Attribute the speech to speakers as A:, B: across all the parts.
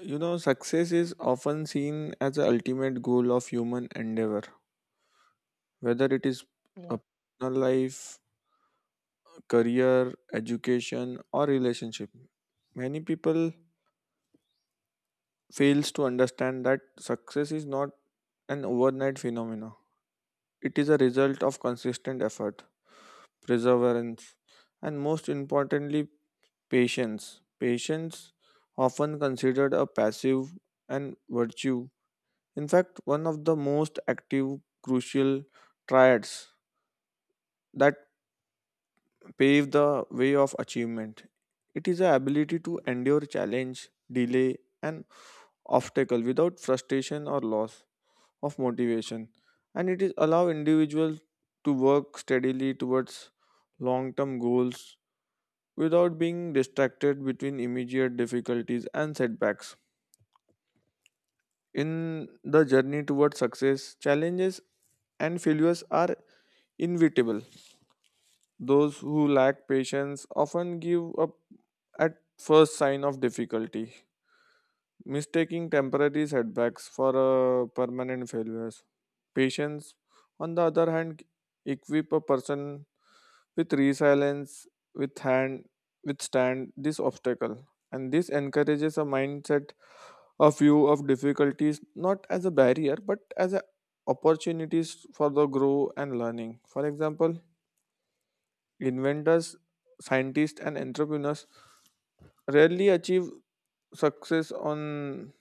A: You know, success is often seen as the ultimate goal of human endeavor, whether it is a
B: Yeah.
A: personal life, career, education, or relationship. Many people fails to understand that success is not an overnight phenomenon. It is a result of consistent effort, perseverance, and most importantly, patience. Patience, often considered a passive and virtue, in fact, one of the most active crucial triads that pave the way of achievement. It is the ability to endure challenge, delay, and obstacle without frustration or loss of motivation. And it is allow individuals to work steadily towards long-term goals without being distracted between immediate difficulties and setbacks. In the journey towards success, challenges and failures are inevitable. Those who lack patience often give up at first sign of difficulty, mistaking temporary setbacks for permanent failures. Patience, on the other hand, equip a person with resilience, with hand, withstand this obstacle, and this encourages a mindset of view of difficulties not as a barrier but as a opportunities for the grow and learning. For example, inventors, scientists, and entrepreneurs rarely achieve success on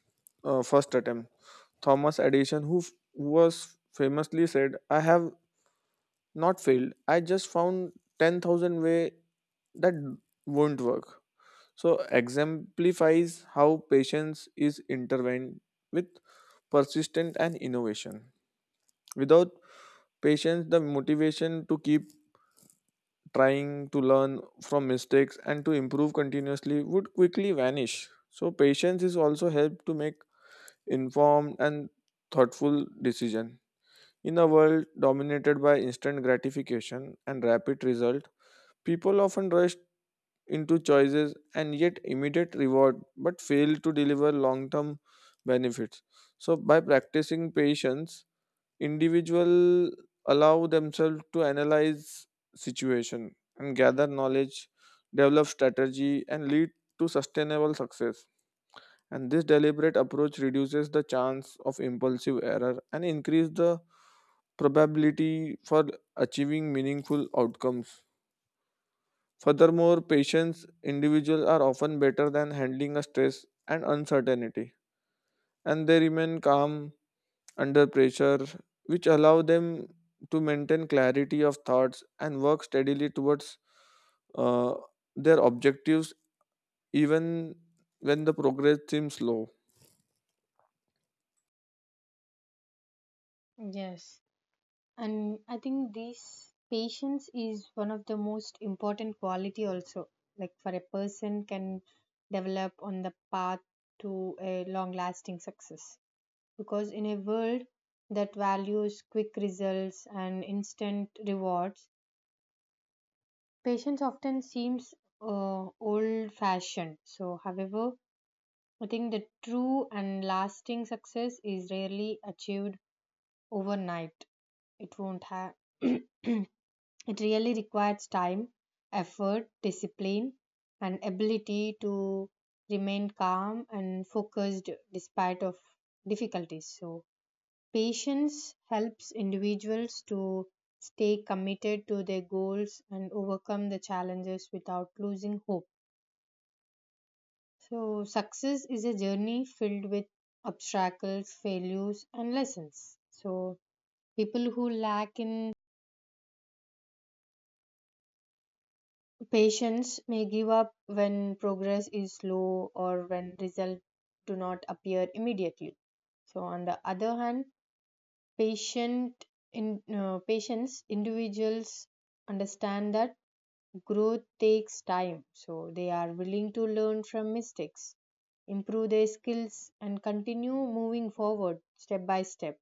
A: first attempt. Thomas Edison, who was famously said, "I have not failed. I just found 10,000 way that won't work." So exemplifies how patience is intertwined with persistence and innovation. Without patience, the motivation to keep trying to learn from mistakes and to improve continuously would quickly vanish. So patience is also helped to make informed and thoughtful decision. In a world dominated by instant gratification and rapid result, people often rush into choices and yet immediate reward but fail to deliver long-term benefits. So by practicing patience, individual allow themselves to analyze situation and gather knowledge develop strategy and lead to sustainable success and this deliberate approach reduces the chance of impulsive error and increase the probability for achieving meaningful outcomes. Furthermore, patients individuals are often better than handling a stress and uncertainty and they remain calm under pressure, which allow them to maintain clarity of thoughts and work steadily towards uh, their objectives even when the progress seems slow.
B: Yes. And I think this patience is one of the most important quality also. Like for a person can develop on the path to a long lasting success. Because in a world that values quick results and instant rewards, patience often seems old fashioned. So however, I think the true and lasting success is rarely achieved overnight. It won't have, it really requires time, effort, discipline, and ability to remain calm and focused despite of difficulties. So patience helps individuals to stay committed to their goals and overcome the challenges without losing hope. So, success is a journey filled with obstacles, failures, and lessons. So, people who lack in patience may give up when progress is slow or when results do not appear immediately. So, on the other hand, patient patients individuals understand that growth takes time, so they are willing to learn from mistakes, improve their skills, and continue moving forward step by step.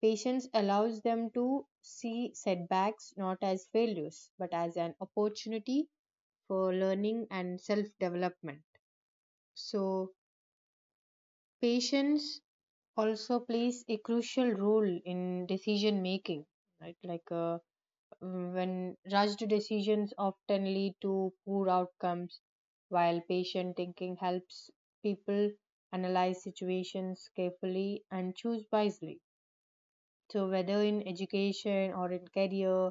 B: Patience allows them to see setbacks not as failures but as an opportunity for learning and self development. So, patience also plays a crucial role in decision making, right? When rushed decisions often lead to poor outcomes, while patient thinking helps people analyze situations carefully and choose wisely. So, whether in education or in career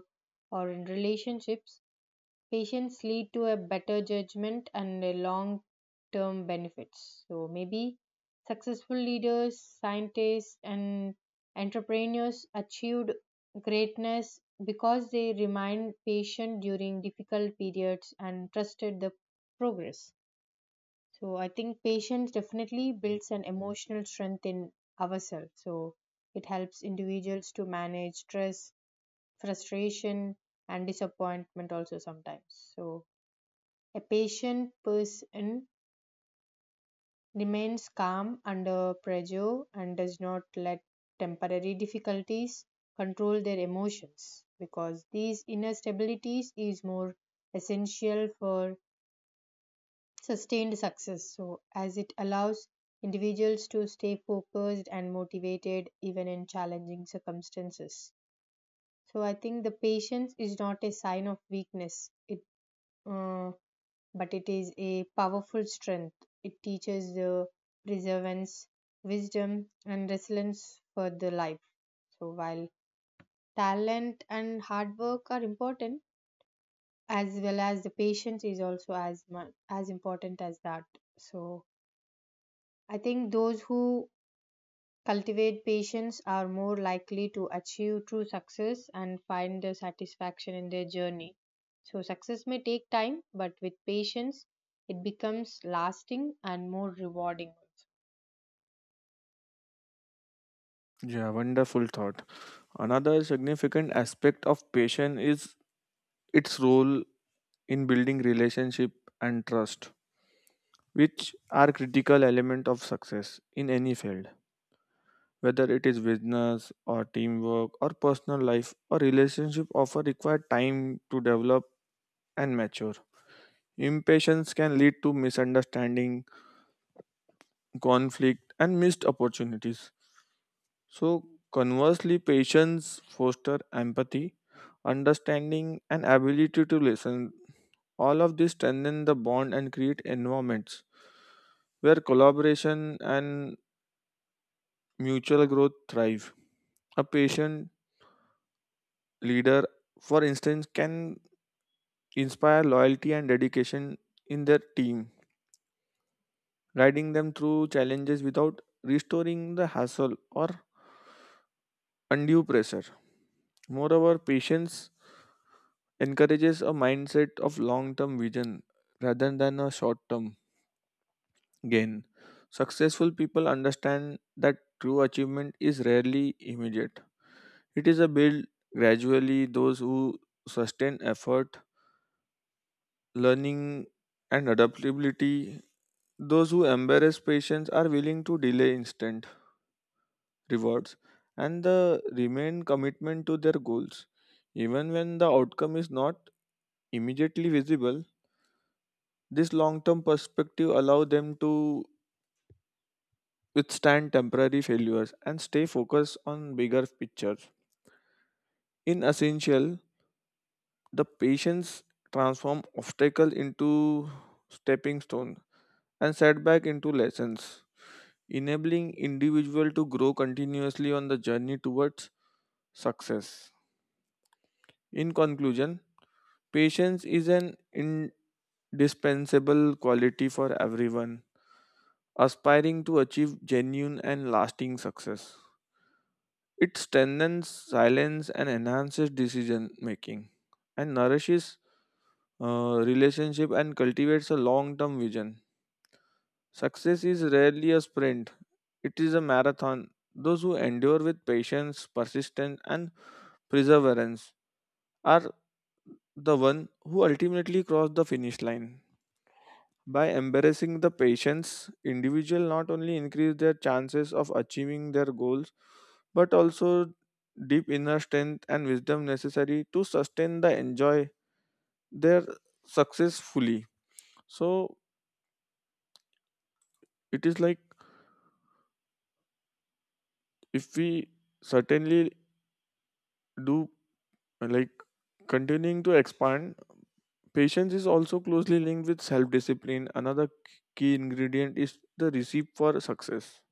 B: or in relationships, patience lead to a better judgment and long term benefits. So maybe successful leaders, scientists, and entrepreneurs achieved greatness because they remained patient during difficult periods and trusted the progress. So I think patience definitely builds an emotional strength in ourselves. So it helps individuals to manage stress, frustration, and disappointment also sometimes. So a patient person remains calm under pressure and does not let temporary difficulties control their emotions, because these inner stabilities is more essential for sustained success, so as it allows individuals to stay focused and motivated even in challenging circumstances. So I think the patience is not a sign of weakness, it uh, but it is a powerful strength. It teaches the perseverance, wisdom, and resilience for the life. So while talent and hard work are important, as well as the patience is also as much as important as that. So I think those who cultivate patience are more likely to achieve true success and find the satisfaction in their journey. So, success may take time, but with patience, it becomes lasting and more rewarding.
A: Yeah, wonderful thought. Another significant aspect of patience is its role in building relationship and trust, which are critical element of success in any field. Whether it is business or teamwork or personal life or relationship often require time to develop and mature. Impatience can lead to misunderstanding, conflict, and missed opportunities. So, conversely, patience fosters empathy, understanding, and ability to listen. All of this strengthen the bond and create environments where collaboration and mutual growth thrive. A patient leader, for instance, can inspire loyalty and dedication in their team guiding them through challenges without restoring the hassle or undue pressure. Moreover, patience encourages a mindset of long term vision rather than a short term gain. Successful people understand that true achievement is rarely immediate, it is a build gradually. Those who sustain effort, learning, and adaptability, those who embrace patience are willing to delay instant rewards, and the remain commitment to their goals. Even when the outcome is not immediately visible, this long term perspective allows them to withstand temporary failures and stay focused on bigger pictures. In essential, the patience transform obstacle into stepping stone and setback into lessons, enabling individual to grow continuously on the journey towards success. In conclusion, patience is an indispensable quality for everyone aspiring to achieve genuine and lasting success. It strengthens silence and enhances decision making and nourishes relationship and cultivates a long term vision. Success is rarely a sprint, it is a marathon. Those who endure with patience, persistence, and perseverance are the one who ultimately cross the finish line. By embracing the patience, individuals not only increase their chances of achieving their goals, but also deep inner strength and wisdom necessary to sustain the enjoy their success fully. So it is like if we certainly do like continuing to expand, patience is also closely linked with self-discipline. Another key ingredient is the recipe for success.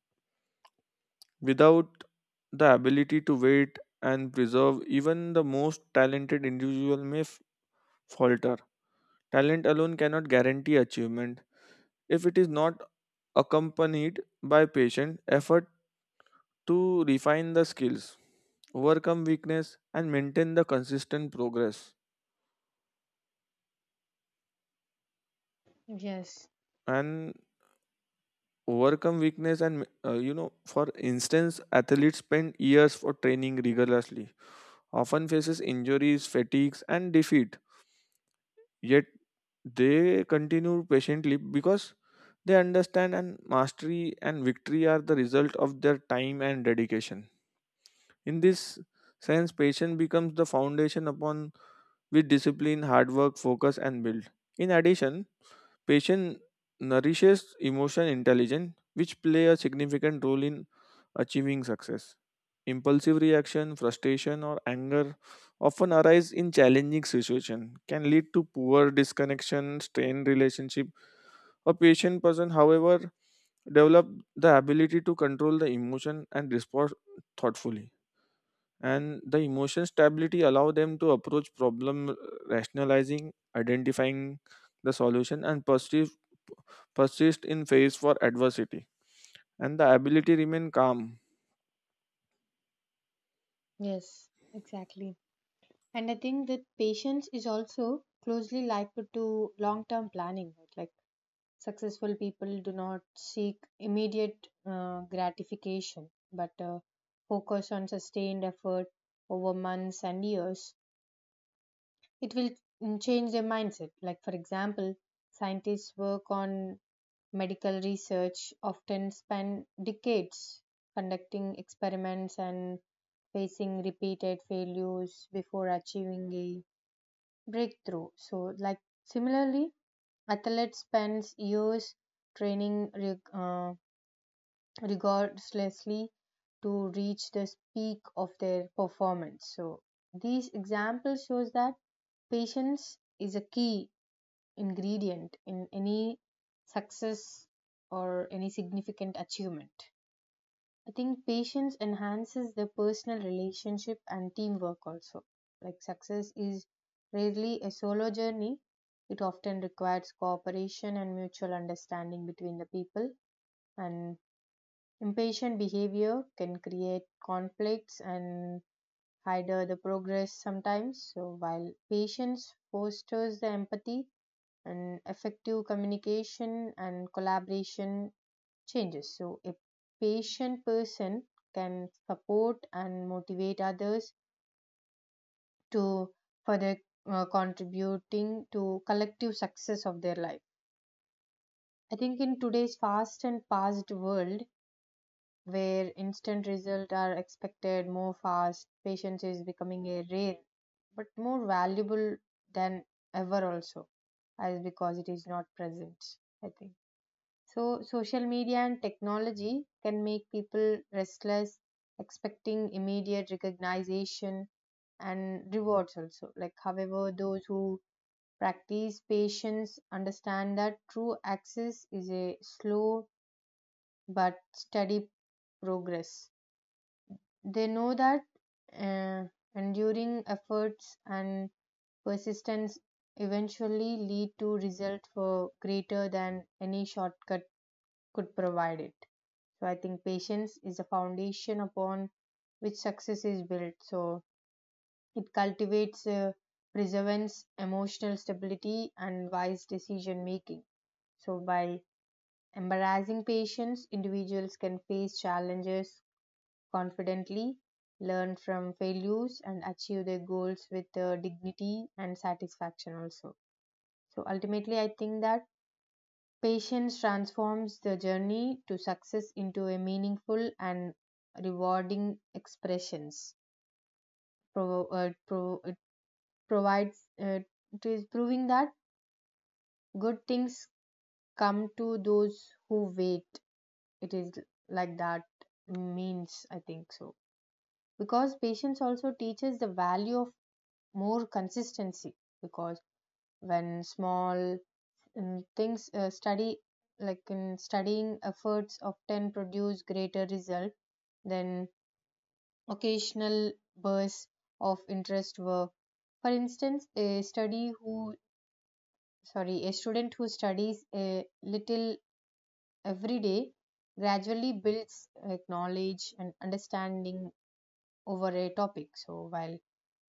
A: Without the ability to wait and preserve, even the most talented individual may falter. Talent alone cannot guarantee achievement if it is not accompanied by patient effort to refine the skills, overcome weakness, and maintain the consistent progress.
B: Yes,
A: And overcome weakness and for instance athletes spend years for training rigorously often faces injuries fatigues and defeat. Yet they continue patiently because they understand and mastery and victory are the result of their time and dedication. In this sense, patience becomes the foundation upon which discipline, hard work, focus, and build. In addition, patience nourishes emotion intelligence, which play a significant role in achieving success. Impulsive reaction, frustration, or anger often arise in challenging situations, can lead to poor disconnection, strained relationship. A patient person, however, develop the ability to control the emotion and respond thoughtfully. And the emotion stability allow them to approach problem rationalizing, identifying the solution, and pursue persist in face for adversity and the ability remain calm.
B: yes, exactly. And I think that patience is also closely linked to long term planning. Like successful people do not seek immediate gratification but focus on sustained effort over months and years. It will change their mindset. Like, for example, scientists work on medical research, often spend decades conducting experiments and facing repeated failures before achieving a breakthrough. So, like, similarly, athletes spends years training reg- uh, regardlessly to reach the peak of their performance. So these examples shows that patience is a key ingredient in any success or any significant achievement. I think patience enhances the personal relationship and teamwork also. Like success is rarely a solo journey. It often requires cooperation and mutual understanding between the people, and impatient behavior can create conflicts and hinder the progress sometimes. So, while patience fosters the empathy and effective communication and collaboration changes. So, a patient person can support and motivate others to further contributing to collective success of their life. I think in today's fast and past world, where instant results are expected more fast, patience is becoming a rare but more valuable than ever also, as because it is not present, I think. So social media and technology can make people restless expecting immediate recognition and rewards also. Like however, those who practice patience understand that true access is a slow but steady progress. They know that uh, enduring efforts and persistence eventually lead to results for greater than any shortcut could provide it. So I think patience is the foundation upon which success is built. So it cultivates perseverance, emotional stability, and wise decision making. So by embracing patience, individuals can face challenges confidently, learn from failures, and achieve their goals with dignity and satisfaction also. So ultimately, I think that patience transforms the journey to success into a meaningful and rewarding expressions. It provides it is proving that good things come to those who wait. It is like that means, I think so, because patience also teaches the value of more consistency. Because when small mm, things study like in studying, efforts often produce greater result than occasional bursts of interest. Were for instance a student who studies a little every day gradually builds like knowledge and understanding over a topic. So while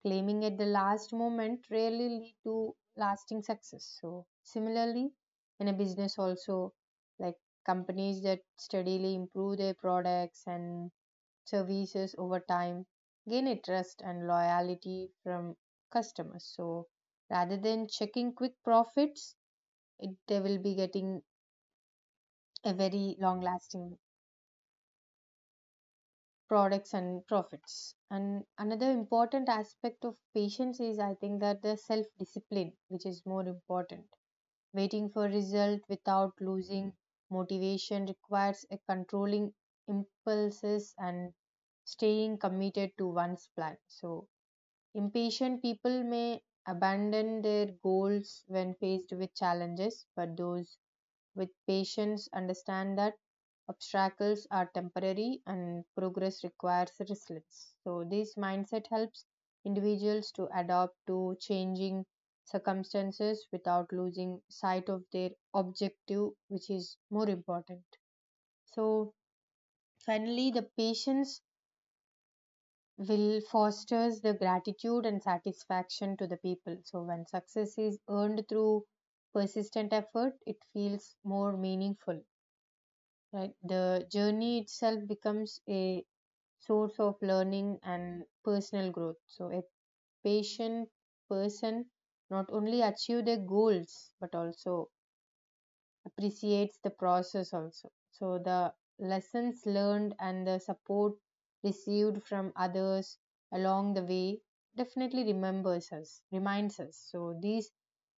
B: claiming at the last moment rarely lead to lasting success. So similarly, in a business also, like companies that steadily improve their products and services over time gain a trust and loyalty from customers. So rather than checking quick profits, it, they will be getting a very long lasting products and profits. And another important aspect of patience is, I think, that the self discipline, which is more important. Waiting for result without losing motivation requires a controlling impulses and staying committed to one's plan. So, impatient people may abandon their goals when faced with challenges, but those with patience, understand that obstacles are temporary and progress requires resilience. So, this mindset helps individuals to adapt to changing circumstances without losing sight of their objective, which is more important. So, finally, the patience will fosters the gratitude and satisfaction to the people. So, when success is earned through persistent effort, it feels more meaningful. Right. The journey itself becomes a source of learning and personal growth. So a patient person not only achieve their goals but also appreciates the process also. So the lessons learned and the support received from others along the way definitely remembers us, reminds us. So these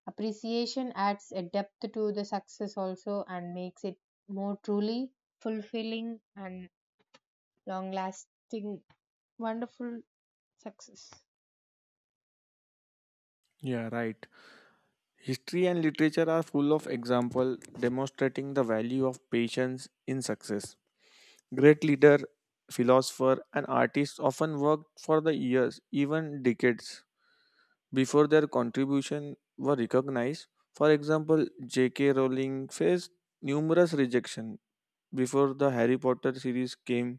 B: appreciation adds a depth to the success also and makes it more truly fulfilling and long lasting wonderful success.
A: Yeah, right. History and literature are full of example demonstrating the value of patience in success. Great leader, philosopher, and artists often worked for the years, even decades, before their contribution were recognized. For example, JK Rowling faced numerous rejection before the Harry Potter series came,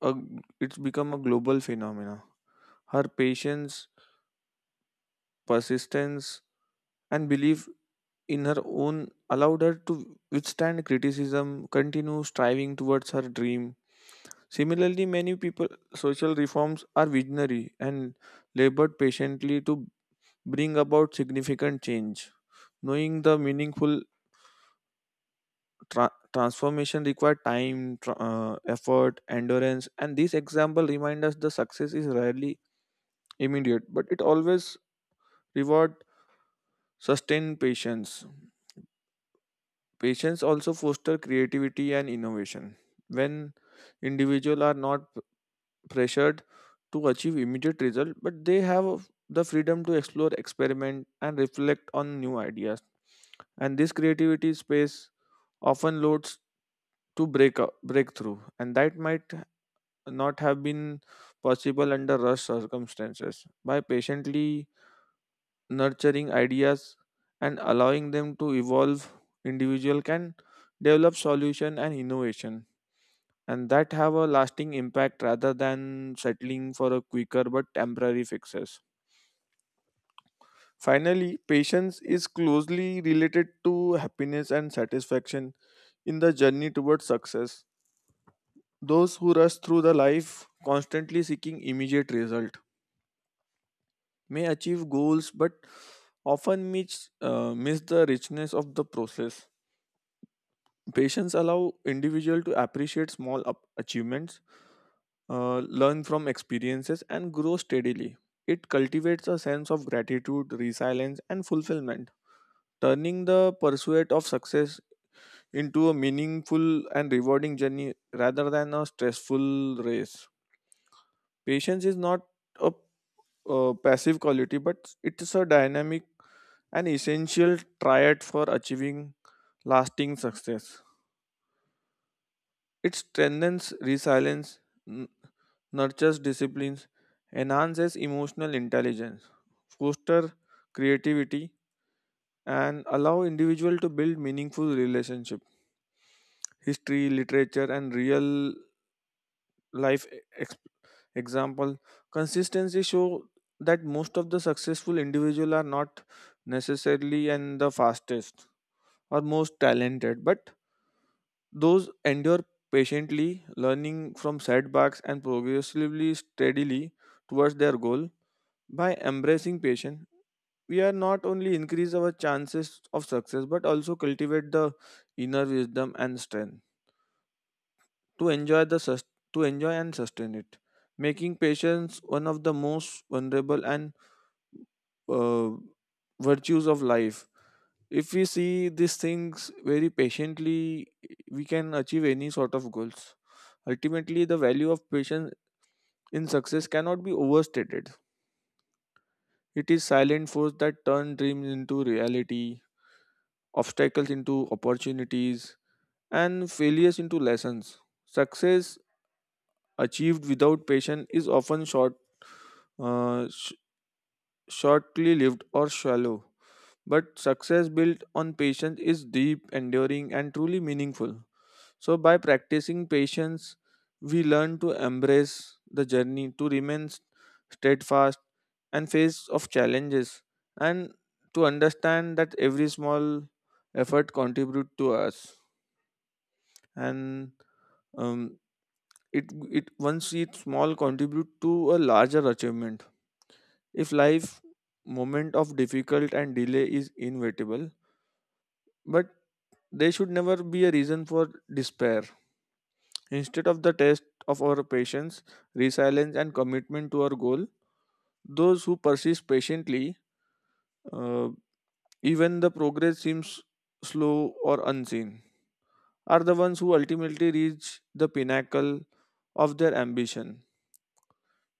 A: a, it's become a global phenomena. Her patience, persistence, and belief in her own allowed her to withstand criticism, continue striving towards her dream. Similarly, many people social reforms are visionary and labored patiently to bring about significant change. Knowing the meaningful transformation required time, effort, endurance, and this example reminds us the success is rarely immediate, but it always reward sustained patience. Patience also foster creativity and innovation. When individuals are not pressured to achieve immediate result, but they have the freedom to explore, experiment, and reflect on new ideas. And this creativity space often loads to break up, breakthrough, and that might not have been possible under rush circumstances. By patiently nurturing ideas and allowing them to evolve individual can develop solution and innovation and that have a lasting impact rather than settling for a quicker but temporary fixes. Finally, patience is closely related to happiness and satisfaction in the journey towards success. Those who rush through the life constantly seeking immediate result may achieve goals but often miss the richness of the process. Patience allow individual to appreciate small up- achievements, learn from experiences, and grow steadily. It cultivates a sense of gratitude, resilience, and fulfillment, turning the pursuit of success into a meaningful and rewarding journey rather than a stressful race. Patience is not a passive quality, but it's a dynamic and essential triad for achieving lasting success. It strengthens resilience, nurtures disciplines, enhances emotional intelligence, foster creativity, and allow individual to build meaningful relationship. History, literature, and real life example consistency show that most of the successful individual are not necessarily and the fastest or most talented, but those endure patiently, learning from setbacks and progressively steadily towards their goal. By embracing patience, we are not only increase our chances of success but also cultivate the inner wisdom and strength to enjoy the sus- to enjoy and sustain it, making patience one of the most vulnerable and uh, virtues of life. If we see these things very patiently we can achieve any sort of goals. Ultimately, the value of patience in success cannot be overstated. It is silent force that turn dreams into reality, obstacles into opportunities, and failures into lessons. Success achieved without patience is often short, uh, sh- shortly lived or shallow. But success built on patience is deep, enduring, and truly meaningful. So, by practicing patience, we learn to embrace the journey, to remain steadfast and face of challenges, and to understand that every small effort contribute to us and um, it once it's small contribute to a larger achievement. If life moment of difficult and delay is inevitable, but they should never be a reason for despair. Instead of the test of our patience, resilience, and commitment to our goal, those who persist patiently, uh, even the progress seems slow or unseen, are the ones who ultimately reach the pinnacle of their ambition.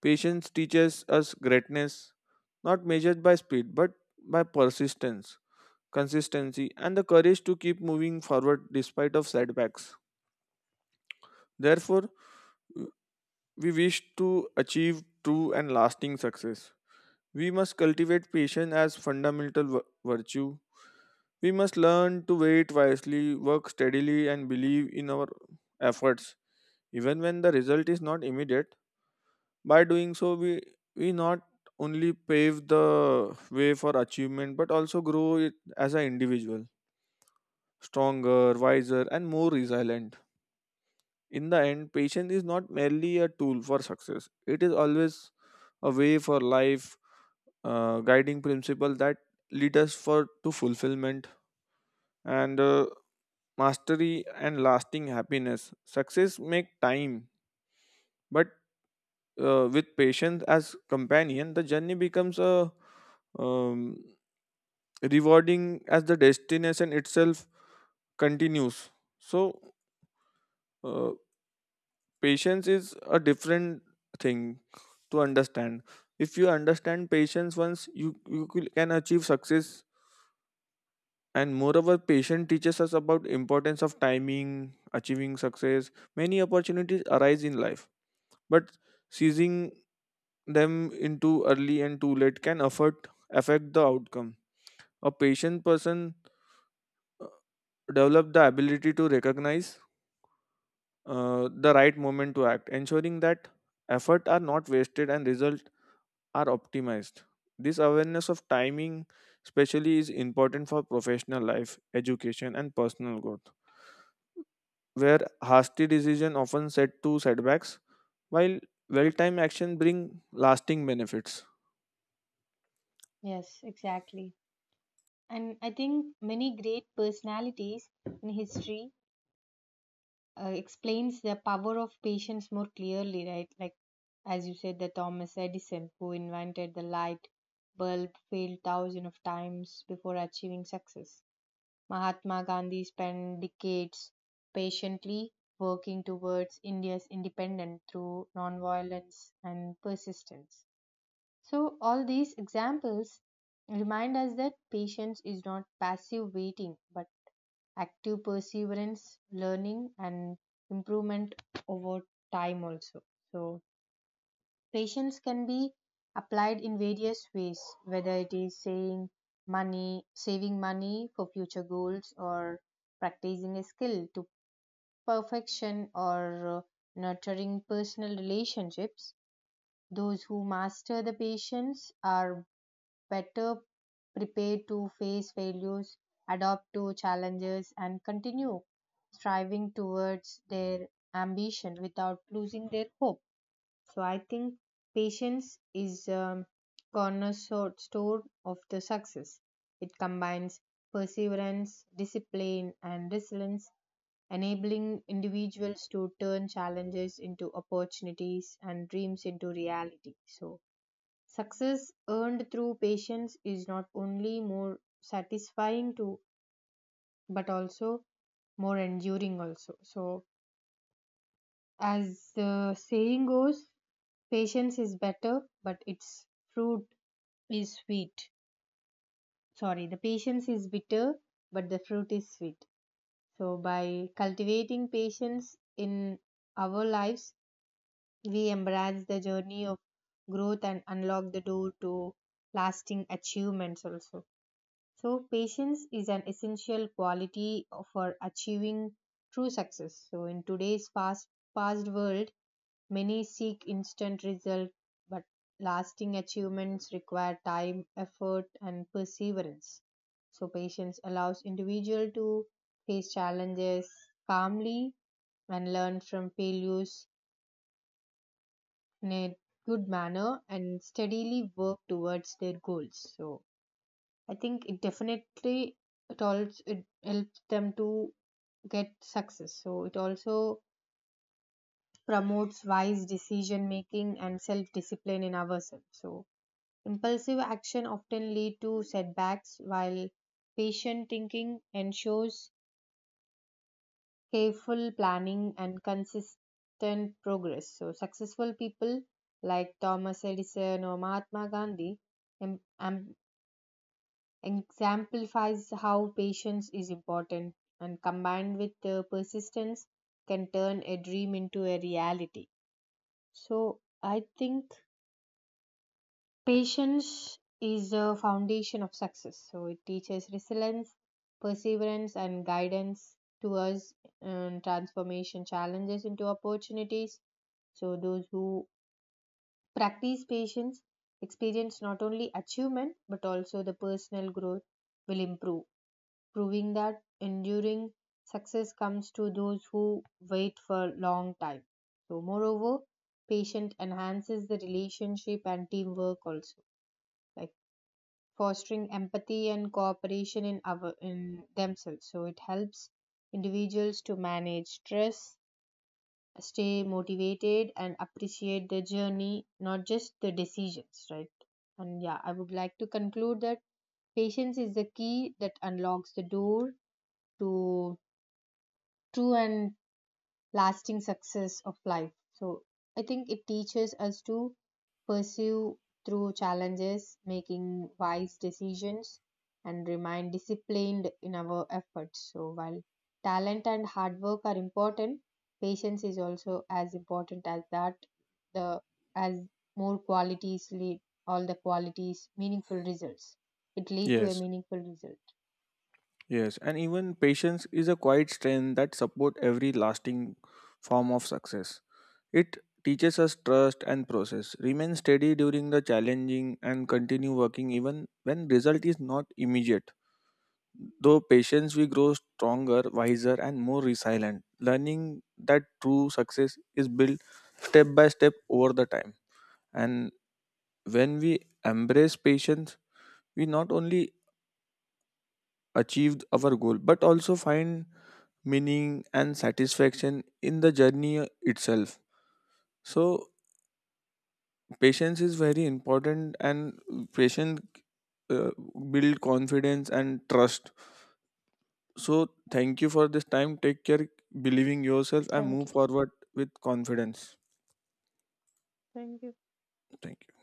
A: Patience teaches us greatness, not measured by speed, but by persistence, consistency, and the courage to keep moving forward despite of setbacks. Therefore, we wish to achieve true and lasting success. We must cultivate patience as fundamental virtue. We must learn to wait wisely, work steadily, and believe in our efforts, even when the result is not immediate. By doing so, we not only pave the way for achievement but also grow it as an individual, stronger, wiser, and more resilient. In the end, patience is not merely a tool for success; it is always a way for life, guiding principle that lead us for to fulfillment and mastery and lasting happiness. Success make time, but with patience as companion, the journey becomes a um, rewarding as the destination itself continues. So, uh, patience is a different thing to understand. If you understand patience once, you can achieve success. And moreover, patience teaches us about importance of timing, achieving success. Many opportunities arise in life, but seizing them into early and too late can affect the outcome. A patient person uh, develop the ability to recognize the right moment to act, ensuring that effort are not wasted and results are optimized. This awareness of timing, especially, is important for professional life, education, and personal growth, where hasty decision often set to setbacks, while well-timed action bring lasting benefits.
B: Yes, exactly. And I think many great personalities in history explains the power of patience more clearly, right? Like, as you said, the Thomas Edison, who invented the light bulb, failed thousands of times before achieving success. Mahatma Gandhi spent decades patiently working towards India's independence through nonviolence and persistence. So, all these examples remind us that patience is not passive waiting but active perseverance, learning, and improvement over time also. So, patience can be applied in various ways, whether it is saying money, saving money for future goals, or practicing a skill to perfection, or nurturing personal relationships. Those who master the patience are better prepared to face failures, adapt to challenges, and continue striving towards their ambition without losing their hope. So I think patience is a cornerstone of the success. It combines perseverance, discipline, and resilience, enabling individuals to turn challenges into opportunities and dreams into reality. So success earned through patience is not only more satisfying to but also more enduring also. So as the saying goes, patience is better but its fruit is sweet. Sorry, the patience is bitter but the fruit is sweet. So by cultivating patience in our lives, we embrace the journey of growth and unlock the door to lasting achievements also. So, patience is an essential quality for achieving true success. So, in today's fast paced world, many seek instant results, but lasting achievements require time, effort, and perseverance. So, patience allows individual to face challenges calmly and learn from failures in a good manner and steadily work towards their goals. So, I think it definitely it also it helps them to get success. So it also promotes wise decision making and self discipline in ourselves. So impulsive action often lead to setbacks while patient thinking ensures careful planning and consistent progress. So successful people like Thomas Edison or Mahatma Gandhi em- em- exemplifies how patience is important and combined with persistence can turn a dream into a reality. So, I think patience is a foundation of success. So, it teaches resilience, perseverance, and guidance to us and transformation challenges into opportunities. So, those who practice patience experience not only achievement but also the personal growth will improve, proving that enduring success comes to those who wait for a long time. So, moreover, patience enhances the relationship and teamwork also, like fostering empathy and cooperation in our in themselves. So, it helps individuals to manage stress, stay motivated, and appreciate the journey, not just the decisions, right? And yeah, I would like to conclude that patience is the key that unlocks the door to true and lasting success of life. So I think it teaches us to pursue through challenges, making wise decisions, and remain disciplined in our efforts. So while talent and hard work are important, patience is also as important as that. The as more qualities lead all the qualities meaningful results. It lead to a
A: Yes,
B: meaningful result.
A: yes, and even patience is a quiet strength that support every lasting form of success. It teaches us trust and process. Remain steady during the challenging and continue working even when result is not immediate. Though patience we grow stronger, wiser and more resilient. Learning that true success is built step by step over the time. And when we embrace patience, we not only achieve our goal but also find meaning and satisfaction in the journey itself. So patience is very important, and patience uh, build confidence and trust. So thank you for this time. Take care, believe in yourself, and
B: Thank
A: move
B: you.
A: forward with confidence.
B: Thank you.
A: Thank you.